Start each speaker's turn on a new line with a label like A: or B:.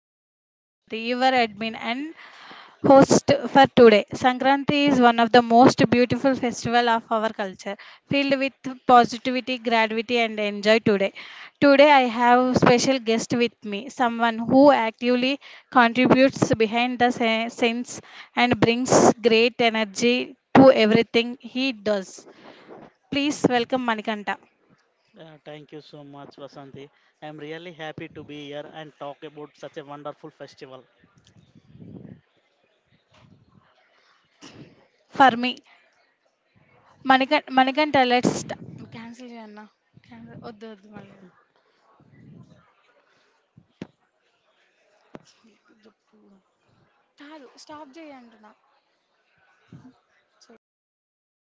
A: podcast. I am Vasanti, your admin and host for today. Sankranti is one of the most beautiful festival of our culture, filled with positivity, gratitude and enjoy today. Today I have special guest with me, someone who actively contributes behind the scenes and brings great energy to everything he does. Please welcome Manikanta.
B: Yeah, thank you so much, Vasanti. I'm really happy to be here and talk about such a wonderful festival.
A: For me, Manikanta, let's start. Tap చేయండి అంటున్నా